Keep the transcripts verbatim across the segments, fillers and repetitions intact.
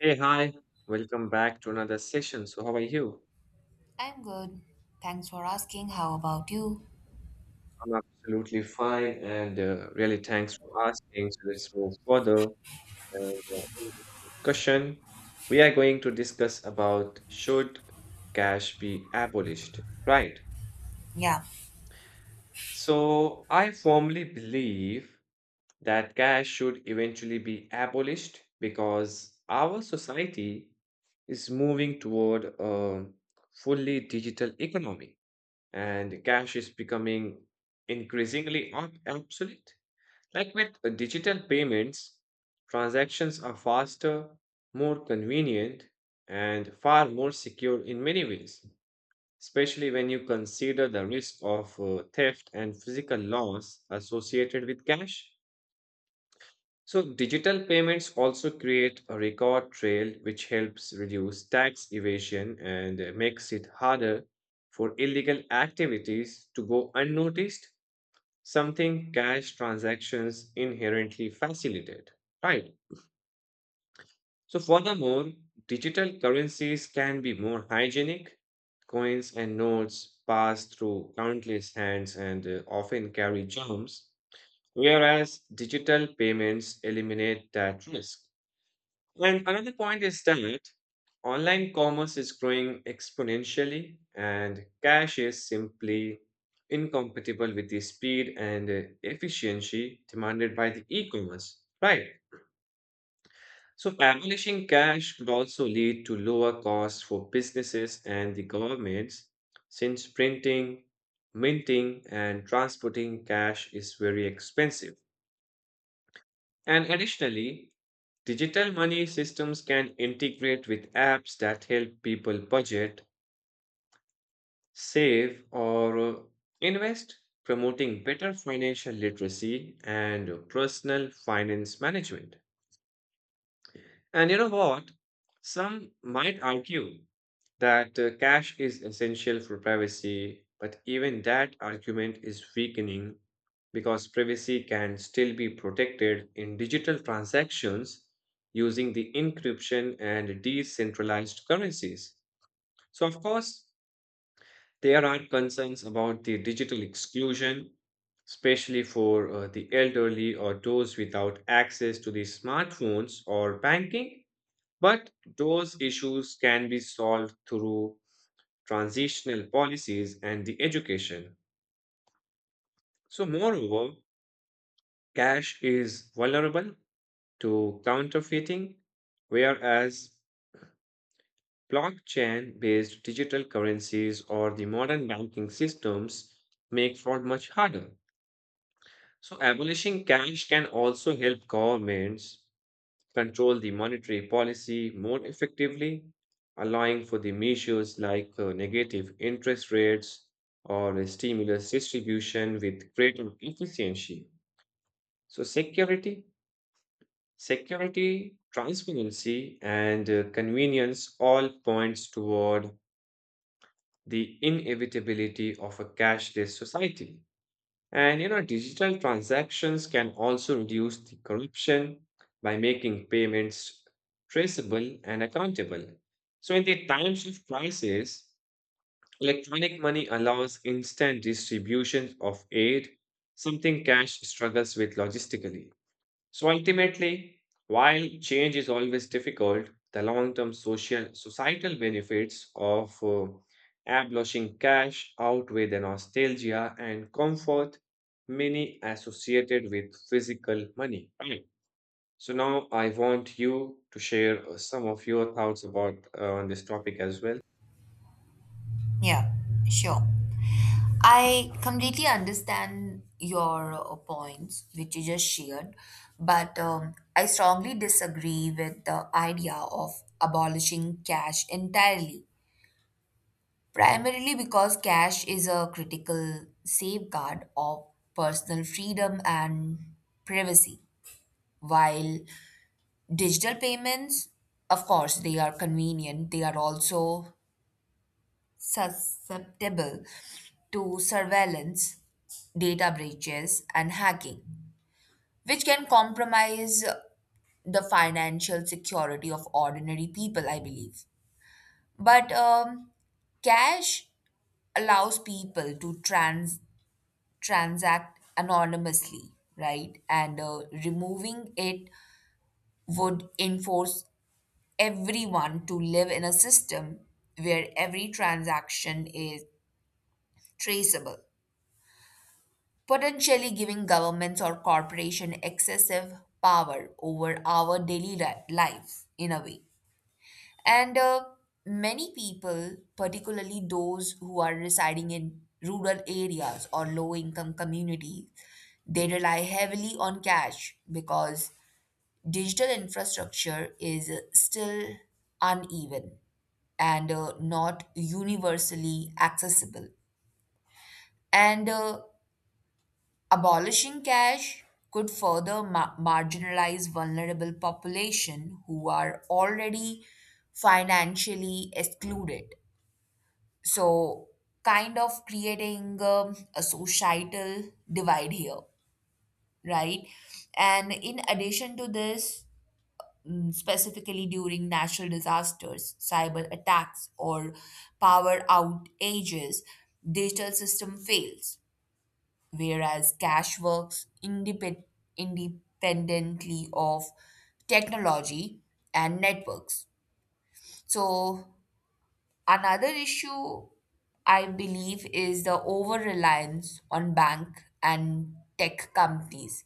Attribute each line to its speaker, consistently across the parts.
Speaker 1: Hey, hi. Welcome back to another session. So, how are you?
Speaker 2: I'm good. Thanks for asking. How about you?
Speaker 1: I'm absolutely fine and uh, really thanks for asking. So, let's move further. And, uh, in this discussion, we are going to discuss about should cash be abolished, right?
Speaker 2: Yeah,
Speaker 1: So, I firmly believe that cash should eventually be abolished because our society is moving toward a fully digital economy and cash is becoming increasingly ob- obsolete. Like with uh, digital payments, transactions are faster, more convenient, and far more secure in many ways, especially when you consider the risk of uh, theft and physical loss associated with cash. So digital payments also create a record trail which helps reduce tax evasion and uh, makes it harder for illegal activities to go unnoticed, something cash transactions inherently facilitate. Right. So furthermore, digital currencies can be more hygienic. Coins and notes pass through countless hands and uh, often carry germs, whereas digital payments eliminate that risk. And another point is that online commerce is growing exponentially, and cash is simply incompatible with the speed and uh, efficiency demanded by the e-commerce, right? So abolishing cash could also lead to lower costs for businesses and the governments, since printing, minting, and transporting cash is very expensive. And additionally, digital money systems can integrate with apps that help people budget, save, or uh, invest, promoting better financial literacy and personal finance management. And you know what? Some might argue that uh, cash is essential for privacy, but even that argument is weakening because privacy can still be protected in digital transactions using the encryption and decentralized currencies. So, of course, there are concerns about the digital exclusion, especially for uh, the elderly or those without access to the smartphones or banking. But those issues can be solved through transitional policies, and the education. So, moreover, cash is vulnerable to counterfeiting, whereas blockchain based digital currencies or the modern banking systems make fraud much harder. So, abolishing cash can also help governments control the monetary policy more effectively, allowing for the measures like uh, negative interest rates or stimulus distribution with greater efficiency. So, security, security, transparency, and uh, convenience all points toward the inevitability of a cashless society. And you know, digital transactions can also reduce the corruption by making payments traceable and accountable. So, in the times of crisis, electronic money allows instant distribution of aid, something cash struggles with logistically. So ultimately, while change is always difficult, the long-term social societal benefits of uh, abolishing cash outweigh the nostalgia and comfort many associated with physical money. Right. So now I want you to share uh, some of your thoughts about uh, on this topic as well.
Speaker 2: yeah, sure. I completely understand your uh, points, which you just shared, but um, I strongly disagree with the idea of abolishing cash entirely, primarily because cash is a critical safeguard of personal freedom and privacy, while digital payments, of course, they are convenient, they are also susceptible to surveillance, data breaches, and hacking, which can compromise the financial security of ordinary people, I believe. But um, cash allows people to trans- transact anonymously, right? And uh, removing it would enforce everyone to live in a system where every transaction is traceable, potentially giving governments or corporation excessive power over our daily li- life in a way. And uh, many people, particularly those who are residing in rural areas or low income communities, they rely heavily on cash because digital infrastructure is still uneven and uh, not universally accessible. And uh, Abolishing cash could further ma- marginalize vulnerable population who are already financially excluded. So, kind of creating um, a societal divide here, right? And in addition to this, mm, specifically during natural disasters, cyber attacks, or power outages, digital system fails, whereas cash works independ- independently of technology and networks. So, another issue I believe is the over reliance on bank and tech companies,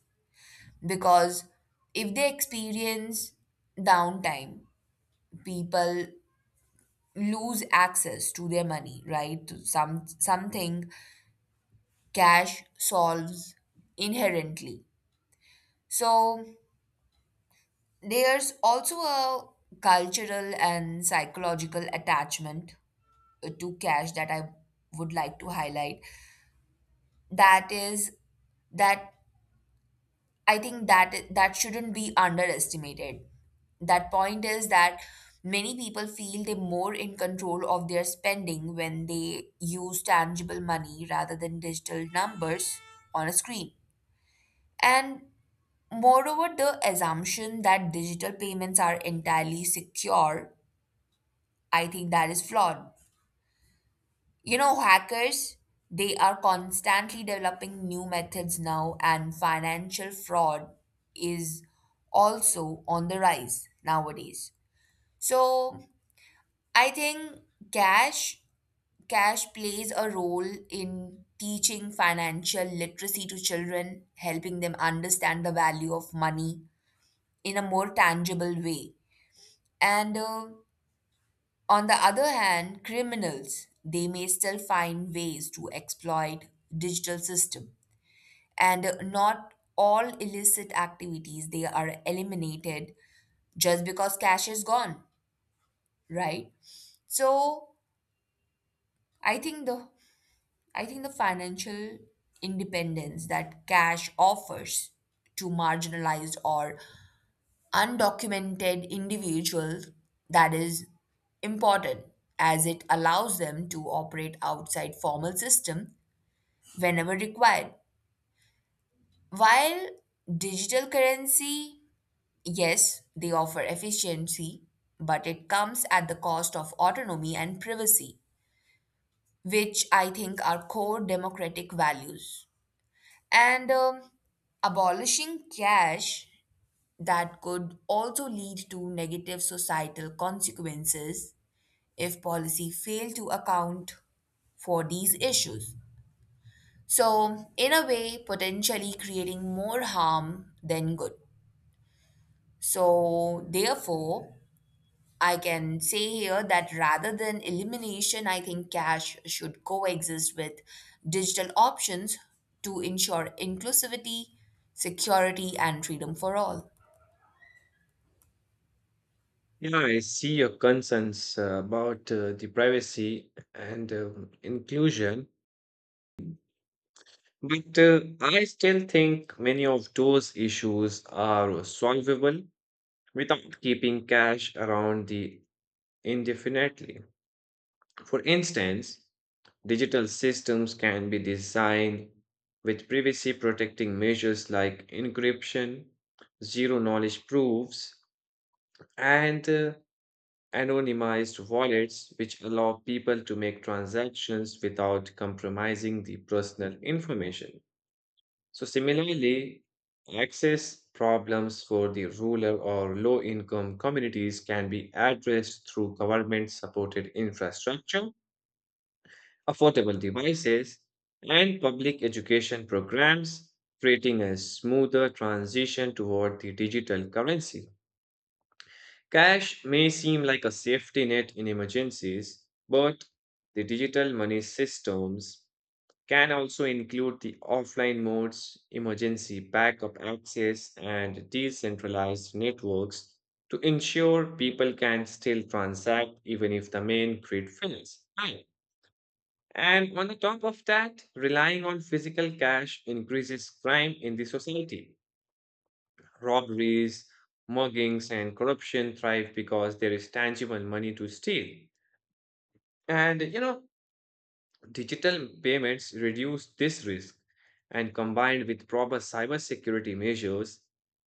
Speaker 2: because if they experience downtime, people lose access to their money, right? To some something cash solves inherently. So there's also a cultural and psychological attachment uh, to cash that I would like to highlight. That is that I think that that shouldn't be underestimated. That point is that many people feel they're more in control of their spending when they use tangible money rather than digital numbers on a screen. And moreover, the assumption that digital payments are entirely secure, I think that is flawed. You know, hackers, they are constantly developing new methods now, and financial fraud is also on the rise nowadays. So, I think cash cash plays a role in teaching financial literacy to children, helping them understand the value of money in a more tangible way. And uh, on the other hand, criminals, they may still find ways to exploit digital system. And not all illicit activities they are eliminated just because cash is gone, right? So I think the I think the financial independence that cash offers to marginalized or undocumented individuals, that is important, as it allows them to operate outside formal system whenever required, while digital currency, yes, they offer efficiency, but it comes at the cost of autonomy and privacy, which I think are core democratic values. And um, abolishing cash, that could also lead to negative societal consequences if policy fail to account for these issues. So, in a way, potentially creating more harm than good. So, therefore, I can say here that rather than elimination, I think cash should coexist with digital options to ensure inclusivity, security, and freedom for all.
Speaker 1: Yeah, I see your concerns uh, about uh, the privacy and um inclusion. But uh, I still think many of those issues are solvable without keeping cash around the indefinitely. For instance, digital systems can be designed with privacy protecting measures like encryption, zero knowledge proofs, and uh, anonymized wallets, which allow people to make transactions without compromising the personal information. So, similarly, access problems for the rural or low income communities can be addressed through government supported infrastructure, affordable devices, and public education programs, creating a smoother transition toward the digital currency. Cash may seem like a safety net in emergencies, but the digital money systems can also include the offline modes, emergency backup access, and decentralized networks to ensure people can still transact even if the main grid fails. Right. And on the top of that, relying on physical cash increases crime in the society. Robberies, muggings, and corruption thrive because there is tangible money to steal. And you know, digital payments reduce this risk, and combined with proper cybersecurity measures,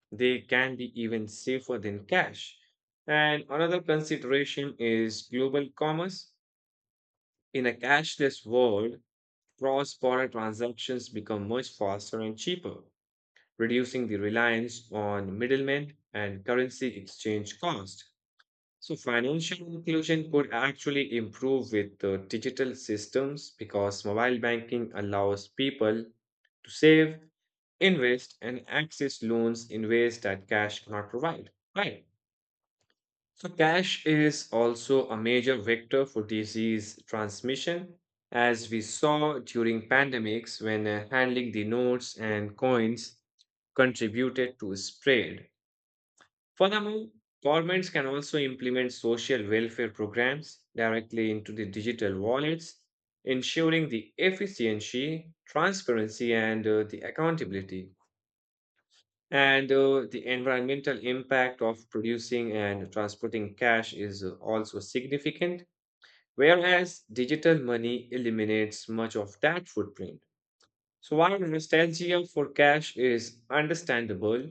Speaker 1: they can be even safer than cash. And another consideration is global commerce. In a cashless world, cross border transactions become much faster and cheaper, reducing the reliance on middlemen and currency exchange cost. So financial inclusion could actually improve with the digital systems because mobile banking allows people to save, invest, and access loans in ways that cash cannot provide. Right. So cash is also a major vector for disease transmission, as we saw during pandemics when uh, handling the notes and coins contributed to spread. Furthermore, governments can also implement social welfare programs directly into the digital wallets, ensuring the efficiency, transparency, and uh, the accountability. And uh, the environmental impact of producing and transporting cash is uh, also significant, whereas digital money eliminates much of that footprint. So, while nostalgia for cash is understandable,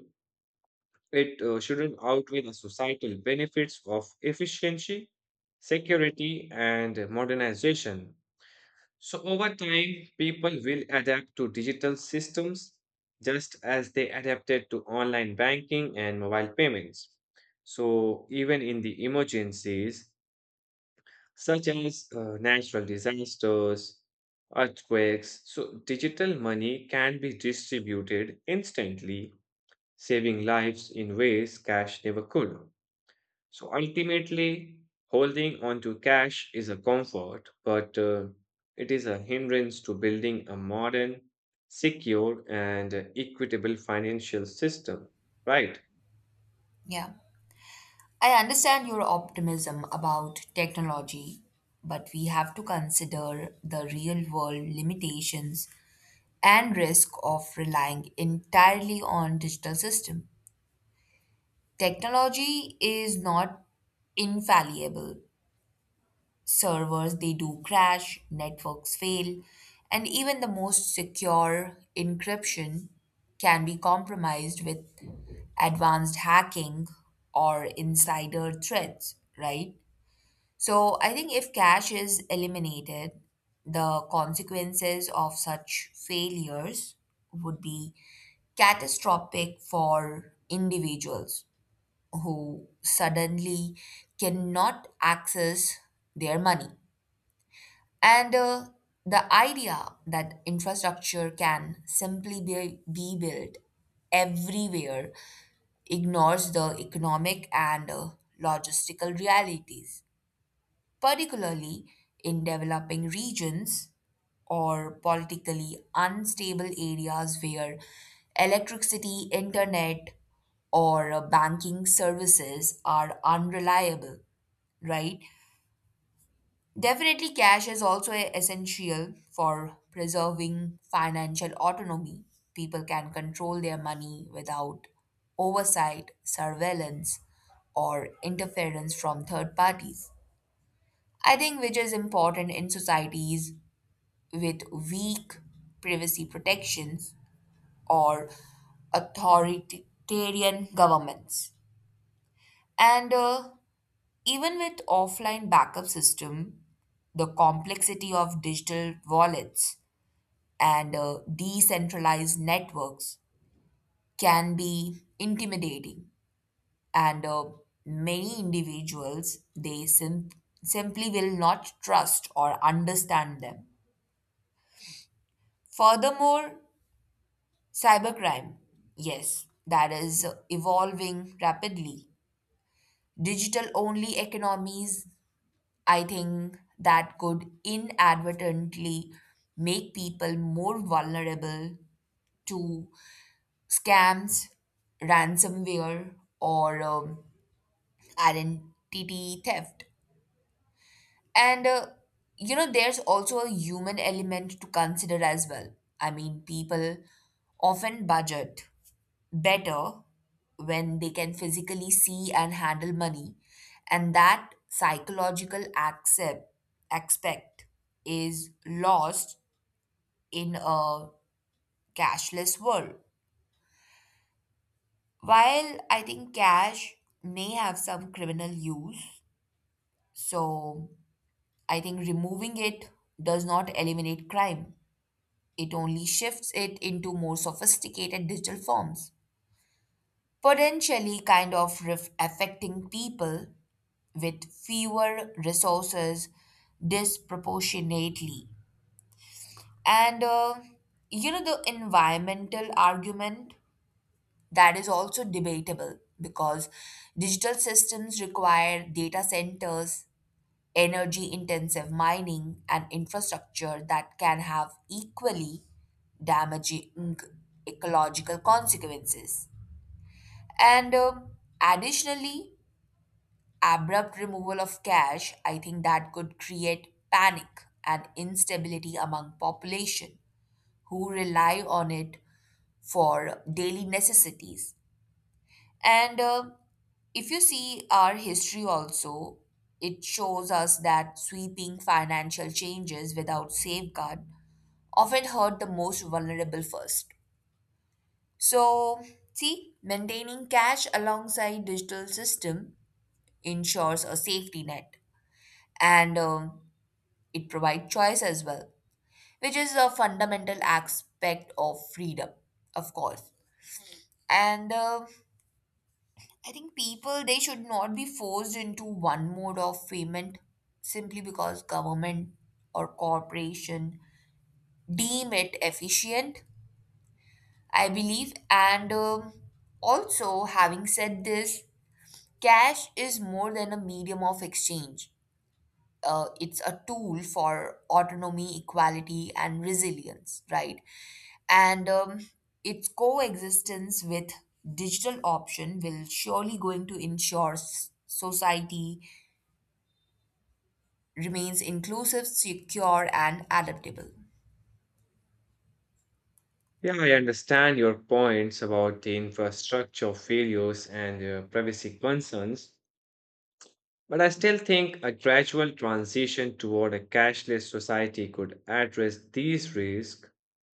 Speaker 1: it uh, shouldn't outweigh the societal benefits of efficiency, security, and modernization. So, over time, people will adapt to digital systems just as they adapted to online banking and mobile payments. So, even in the emergencies, such as uh, natural disasters, earthquakes, so digital money can be distributed instantly, saving lives in ways cash never could. So ultimately, holding on to cash is a comfort, but uh, it is a hindrance to building a modern, secure, and uh, equitable financial system, right?
Speaker 2: Yeah. I understand your optimism about technology, but we have to consider the real world limitations and risk of relying entirely on digital system. Technology is not infallible. Servers they do crash, networks fail, and even the most secure encryption can be compromised with advanced hacking or insider threats, right? So I think if cash is eliminated, the consequences of such failures would be catastrophic for individuals who suddenly cannot access their money. And uh, the idea that infrastructure can simply be, be built everywhere ignores the economic and uh, logistical realities, particularly in developing regions or politically unstable areas where electricity, internet, or uh, banking services are unreliable, right? Definitely, cash is also e-, essential for preserving financial autonomy. People can control their money without oversight, surveillance, or interference from third parties, I think, which is important in societies with weak privacy protections or authoritarian governments. And uh, even with offline backup system, the complexity of digital wallets and uh, decentralized networks can be intimidating, and uh, many individuals they sim- simply will not trust or understand them. Furthermore, cybercrime, yes, that is evolving rapidly. Digital only economies, I think that could inadvertently make people more vulnerable to scams, ransomware, or um, identity theft. And uh, you know, there's also a human element to consider as well. I mean, people often budget better when they can physically see and handle money. And that psychological accept, aspect is lost in a cashless world. While I think cash may have some criminal use, so I think removing it does not eliminate crime. It only shifts it into more sophisticated digital forms, potentially kind of ref- affecting people with fewer resources disproportionately. And uh, you know, the environmental argument, that is also debatable because digital systems require data centers, energy intensive mining, and infrastructure that can have equally damaging ecological consequences. And um additionally, abrupt removal of cash, I think that could create panic and instability among population who rely on it for daily necessities. And uh, if you see our history also, it shows us that sweeping financial changes without safeguard often hurt the most vulnerable first. So, see, maintaining cash alongside digital system ensures a safety net. And um, it provides choice as well, which is a fundamental aspect of freedom, of course. And uh, I think people they should not be forced into one mode of payment simply because government or corporation deem it efficient, I believe. And um, also having said this, cash is more than a medium of exchange, uh, it's a tool for autonomy, equality, and resilience, right? And um, its coexistence with digital option will surely going to ensure s- society remains inclusive, secure, and adaptable.
Speaker 1: Yeah, I understand your points about the infrastructure failures and uh, privacy concerns, but I still think a gradual transition toward a cashless society could address these risks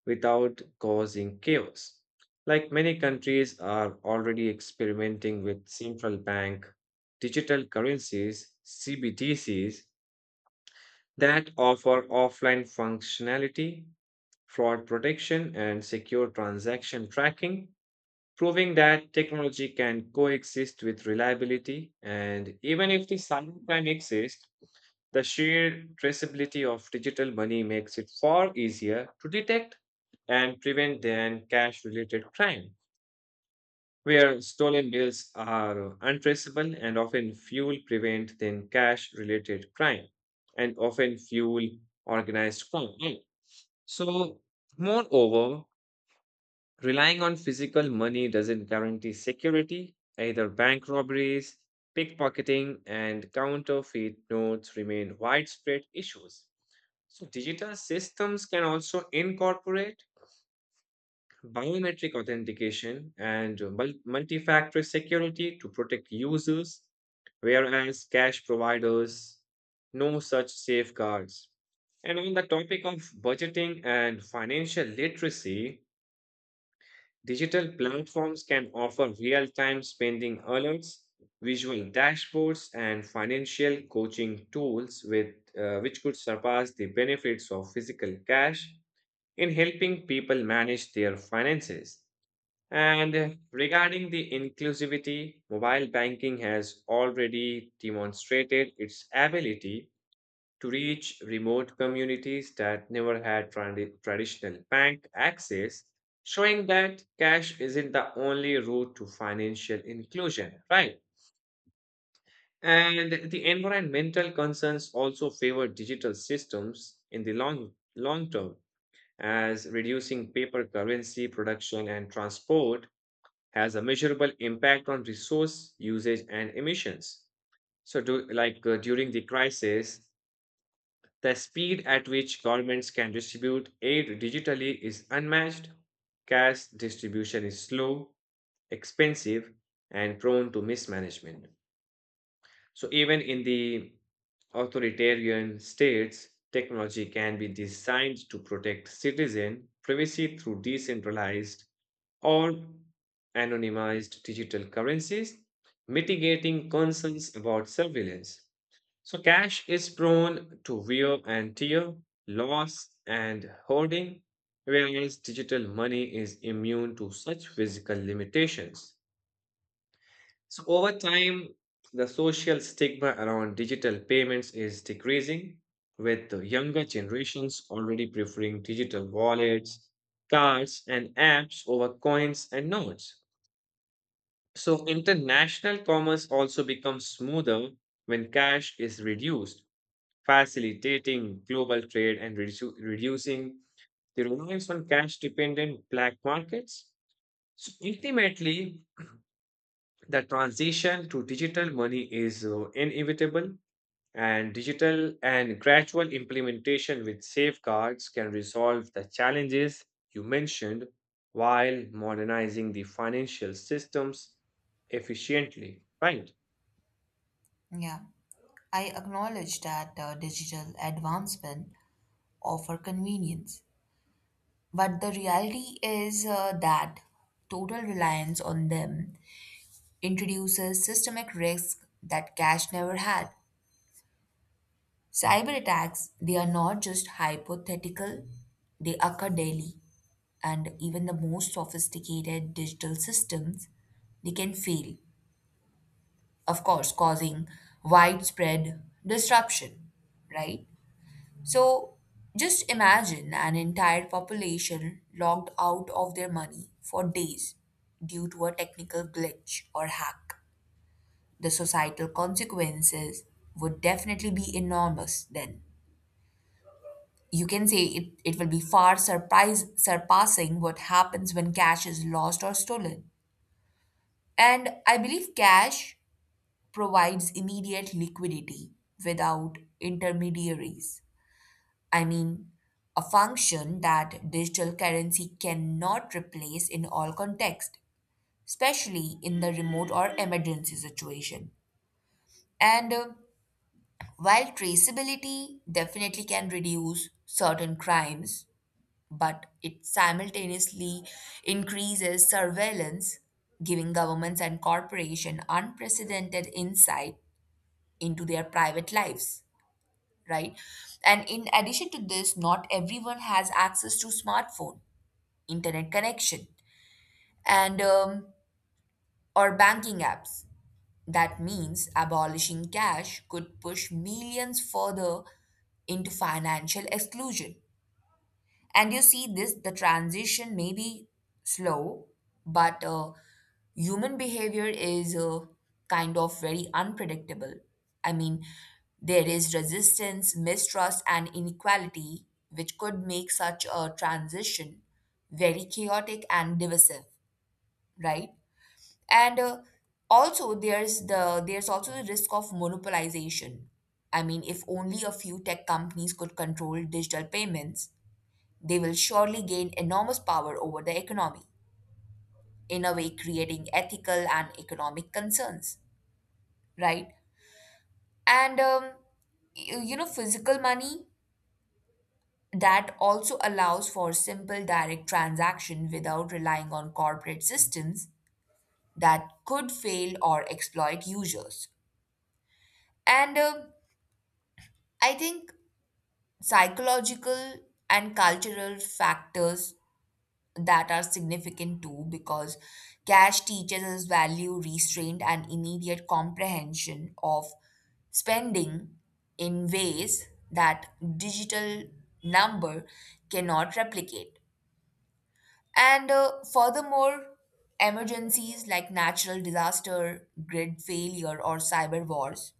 Speaker 1: without causing chaos. Like many countries are already experimenting with central bank digital currencies, C B D Cs, that offer offline functionality, fraud protection, and secure transaction tracking proving that technology can coexist with reliability. And even if the silent crime exists, the sheer traceability of digital money makes it far easier to detect and prevent than cash related crime, where stolen bills are untraceable and often fuel prevent than cash related crime and often fuel organized crime. So, moreover, relying on physical money doesn't guarantee security. Either bank robberies, pickpocketing, and counterfeit notes remain widespread issues. So, digital systems can also incorporate biometric authentication and multi factor security to protect users, whereas cash providers no such safeguards. And on the topic of budgeting and financial literacy, digital platforms can offer real time spending alerts, visual dashboards, and financial coaching tools with, uh, which could surpass the benefits of physical cash in helping people manage their finances. And uh, regarding the inclusivity, mobile banking has already demonstrated its ability to reach remote communities that never had tradi- traditional bank access, showing that cash isn't the only route to financial inclusion, right? And the environmental concerns also favor digital systems in the long, long term, as reducing paper currency production and transport has a measurable impact on resource usage and emissions. So, do, like uh, during the crisis, the speed at which governments can distribute aid digitally is unmatched. Cash distribution is slow, expensive, and prone to mismanagement. So, even in the authoritarian states, technology can be designed to protect citizen privacy through decentralized or anonymized digital currencies, mitigating concerns about surveillance. So cash is prone to wear and tear, loss and hoarding, whereas digital money is immune to such physical limitations. So over time, the social stigma around digital payments is decreasing, with the younger generations already preferring digital wallets, cards, and apps over coins and notes. So international commerce also becomes smoother when cash is reduced facilitating global trade and reduce- reducing the reliance on cash dependent black markets. So ultimately, the transition to digital money is uh, inevitable, and digital and gradual implementation with safeguards can resolve the challenges you mentioned while modernizing the financial systems efficiently. Right.
Speaker 2: Yeah. I acknowledge that uh, digital advancement offer convenience, but the reality is uh, that total reliance on them introduces systemic risks that cash never had. Cyber attacks, they are not just hypothetical, they occur daily, and even the most sophisticated digital systems, they can fail, of course, causing widespread disruption, right? So just imagine an entire population locked out of their money for days due to a technical glitch or hack. The societal consequences would definitely be enormous then. You can say it, it will be far surprise, surpassing what happens when cash is lost or stolen. And I believe cash provides immediate liquidity without intermediaries. I mean, a function that digital currency cannot replace in all contexts, especially in the remote or emergency situation. And uh, while traceability definitely can reduce certain crimes, but it simultaneously increases surveillance, giving governments and corporations unprecedented insight into their private lives, right? And in addition to this, not everyone has access to smartphone, internet connection, and um, or banking apps. That means abolishing cash could push millions further into financial exclusion. And you see this, the transition may be slow, but uh, human behavior is uh, kind of very unpredictable. I mean, there is resistance, mistrust, and inequality, which could make such a transition very chaotic and divisive, right? And uh, also there's the there's also the risk of monopolization. I mean, if only a few tech companies could control digital payments, they will surely gain enormous power over the economy, in a way creating ethical and economic concerns, right? And um, you, you know, physical money that also allows for simple direct transaction without relying on corporate systems that could fail or exploit users. And uh, I think psychological and cultural factors, that are significant too, because cash teaches us value, restraint, and immediate comprehension of spending in ways that digital number cannot replicate. And uh, furthermore, emergencies like natural disaster, grid failure, or cyber wars,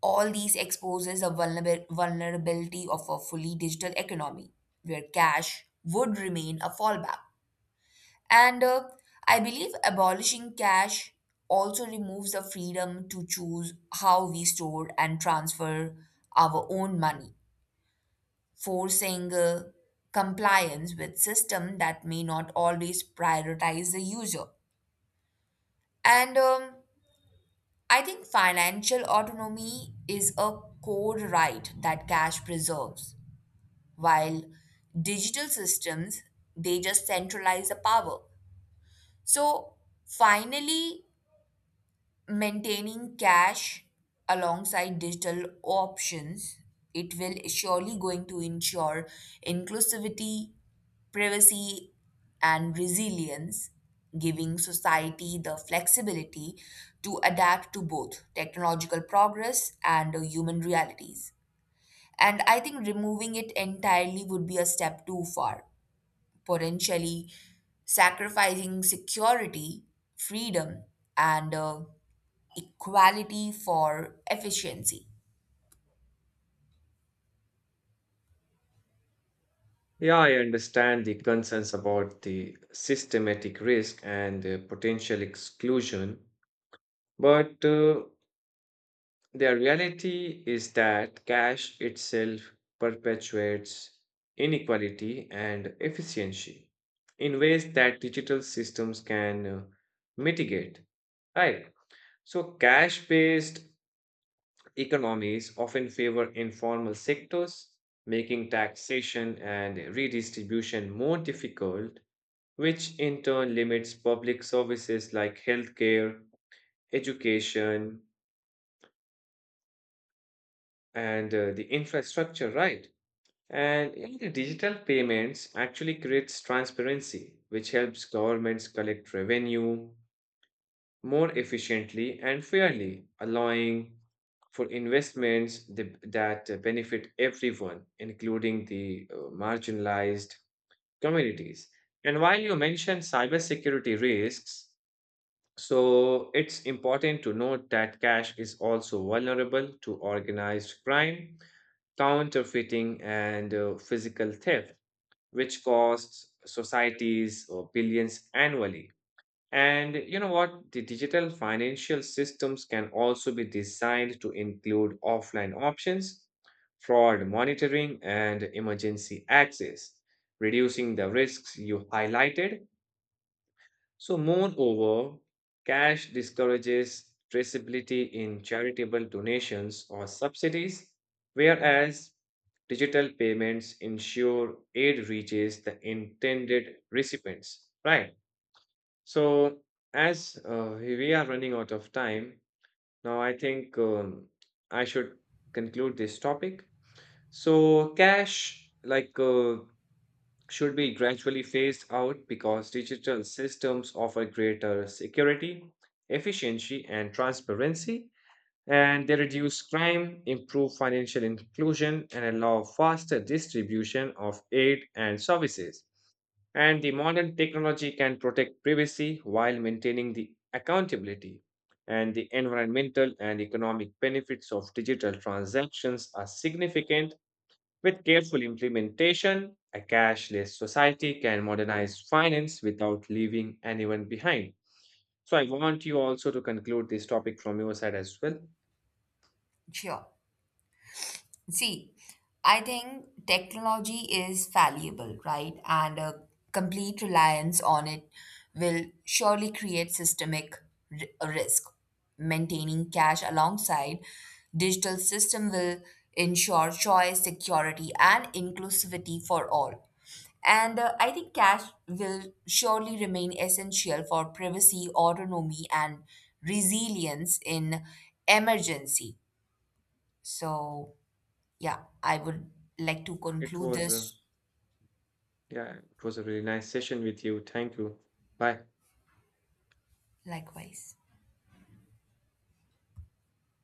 Speaker 2: all these exposes the vulnerab- vulnerability of a fully digital economy where cash would remain a fallback. And uh, I believe abolishing cash also removes the freedom to choose how we store and transfer our own money, forcing uh, compliance with system that may not always prioritize the user. And um, I think financial autonomy is a core right that cash preserves, while digital systems they just centralize the power. So finally, maintaining cash alongside digital options, it will surely going to ensure inclusivity, privacy, and resilience, giving society the flexibility to adapt to both technological progress and uh, human realities. And I think removing it entirely would be a step too far, potentially sacrificing security, freedom, and uh, equality for efficiency.
Speaker 1: Yeah, I understand the concerns about the systematic risk and uh, potential exclusion, but uh, the reality is that cash itself perpetuates inequality and efficiency in ways that digital systems can uh, mitigate. Right. So, cash-based economies often favor informal sectors, making taxation and redistribution more difficult which in turn limits public services like healthcare, education, and uh, the infrastructure, right? And you know, the digital payments actually creates transparency, which helps governments collect revenue more efficiently and fairly, allowing for investments th- that uh, benefit everyone, including the uh, marginalized communities. And while you mentioned cybersecurity risks, so it's important to note that cash is also vulnerable to organized crime, counterfeiting, and uh, physical theft, which costs societies or billions annually. And you know what? The digital financial systems can also be designed to include offline options, fraud monitoring, and emergency access, reducing the risks you highlighted so, moreover, cash discourages traceability in charitable donations or subsidies, whereas digital payments ensure aid reaches the intended recipients. Right. So, as uh, we are running out of time, now I think um, I should conclude this topic. So, cash, like uh, should be gradually phased out because digital systems offer greater security, efficiency, and transparency, and they reduce crime, improve financial inclusion, and allow faster distribution of aid and services. And the modern technology can protect privacy while maintaining the accountability. And the environmental and economic benefits of digital transactions are significant with careful implementation, a cashless society can modernize finance without leaving anyone behind. So I want you also to conclude this topic from your side as well.
Speaker 2: Sure. See, I think technology is valuable, right? And a complete reliance on it will surely create systemic ri- risk. Maintaining cash alongside digital system will ensure choice, security, and inclusivity for all. And uh, I think cash will surely remain essential for privacy, autonomy, and resilience in emergency. So, yeah, I would like to
Speaker 1: It
Speaker 2: conclude
Speaker 1: was a,
Speaker 2: this.
Speaker 1: yeah, it was a really nice session with you. Thank you. Bye.
Speaker 2: Likewise.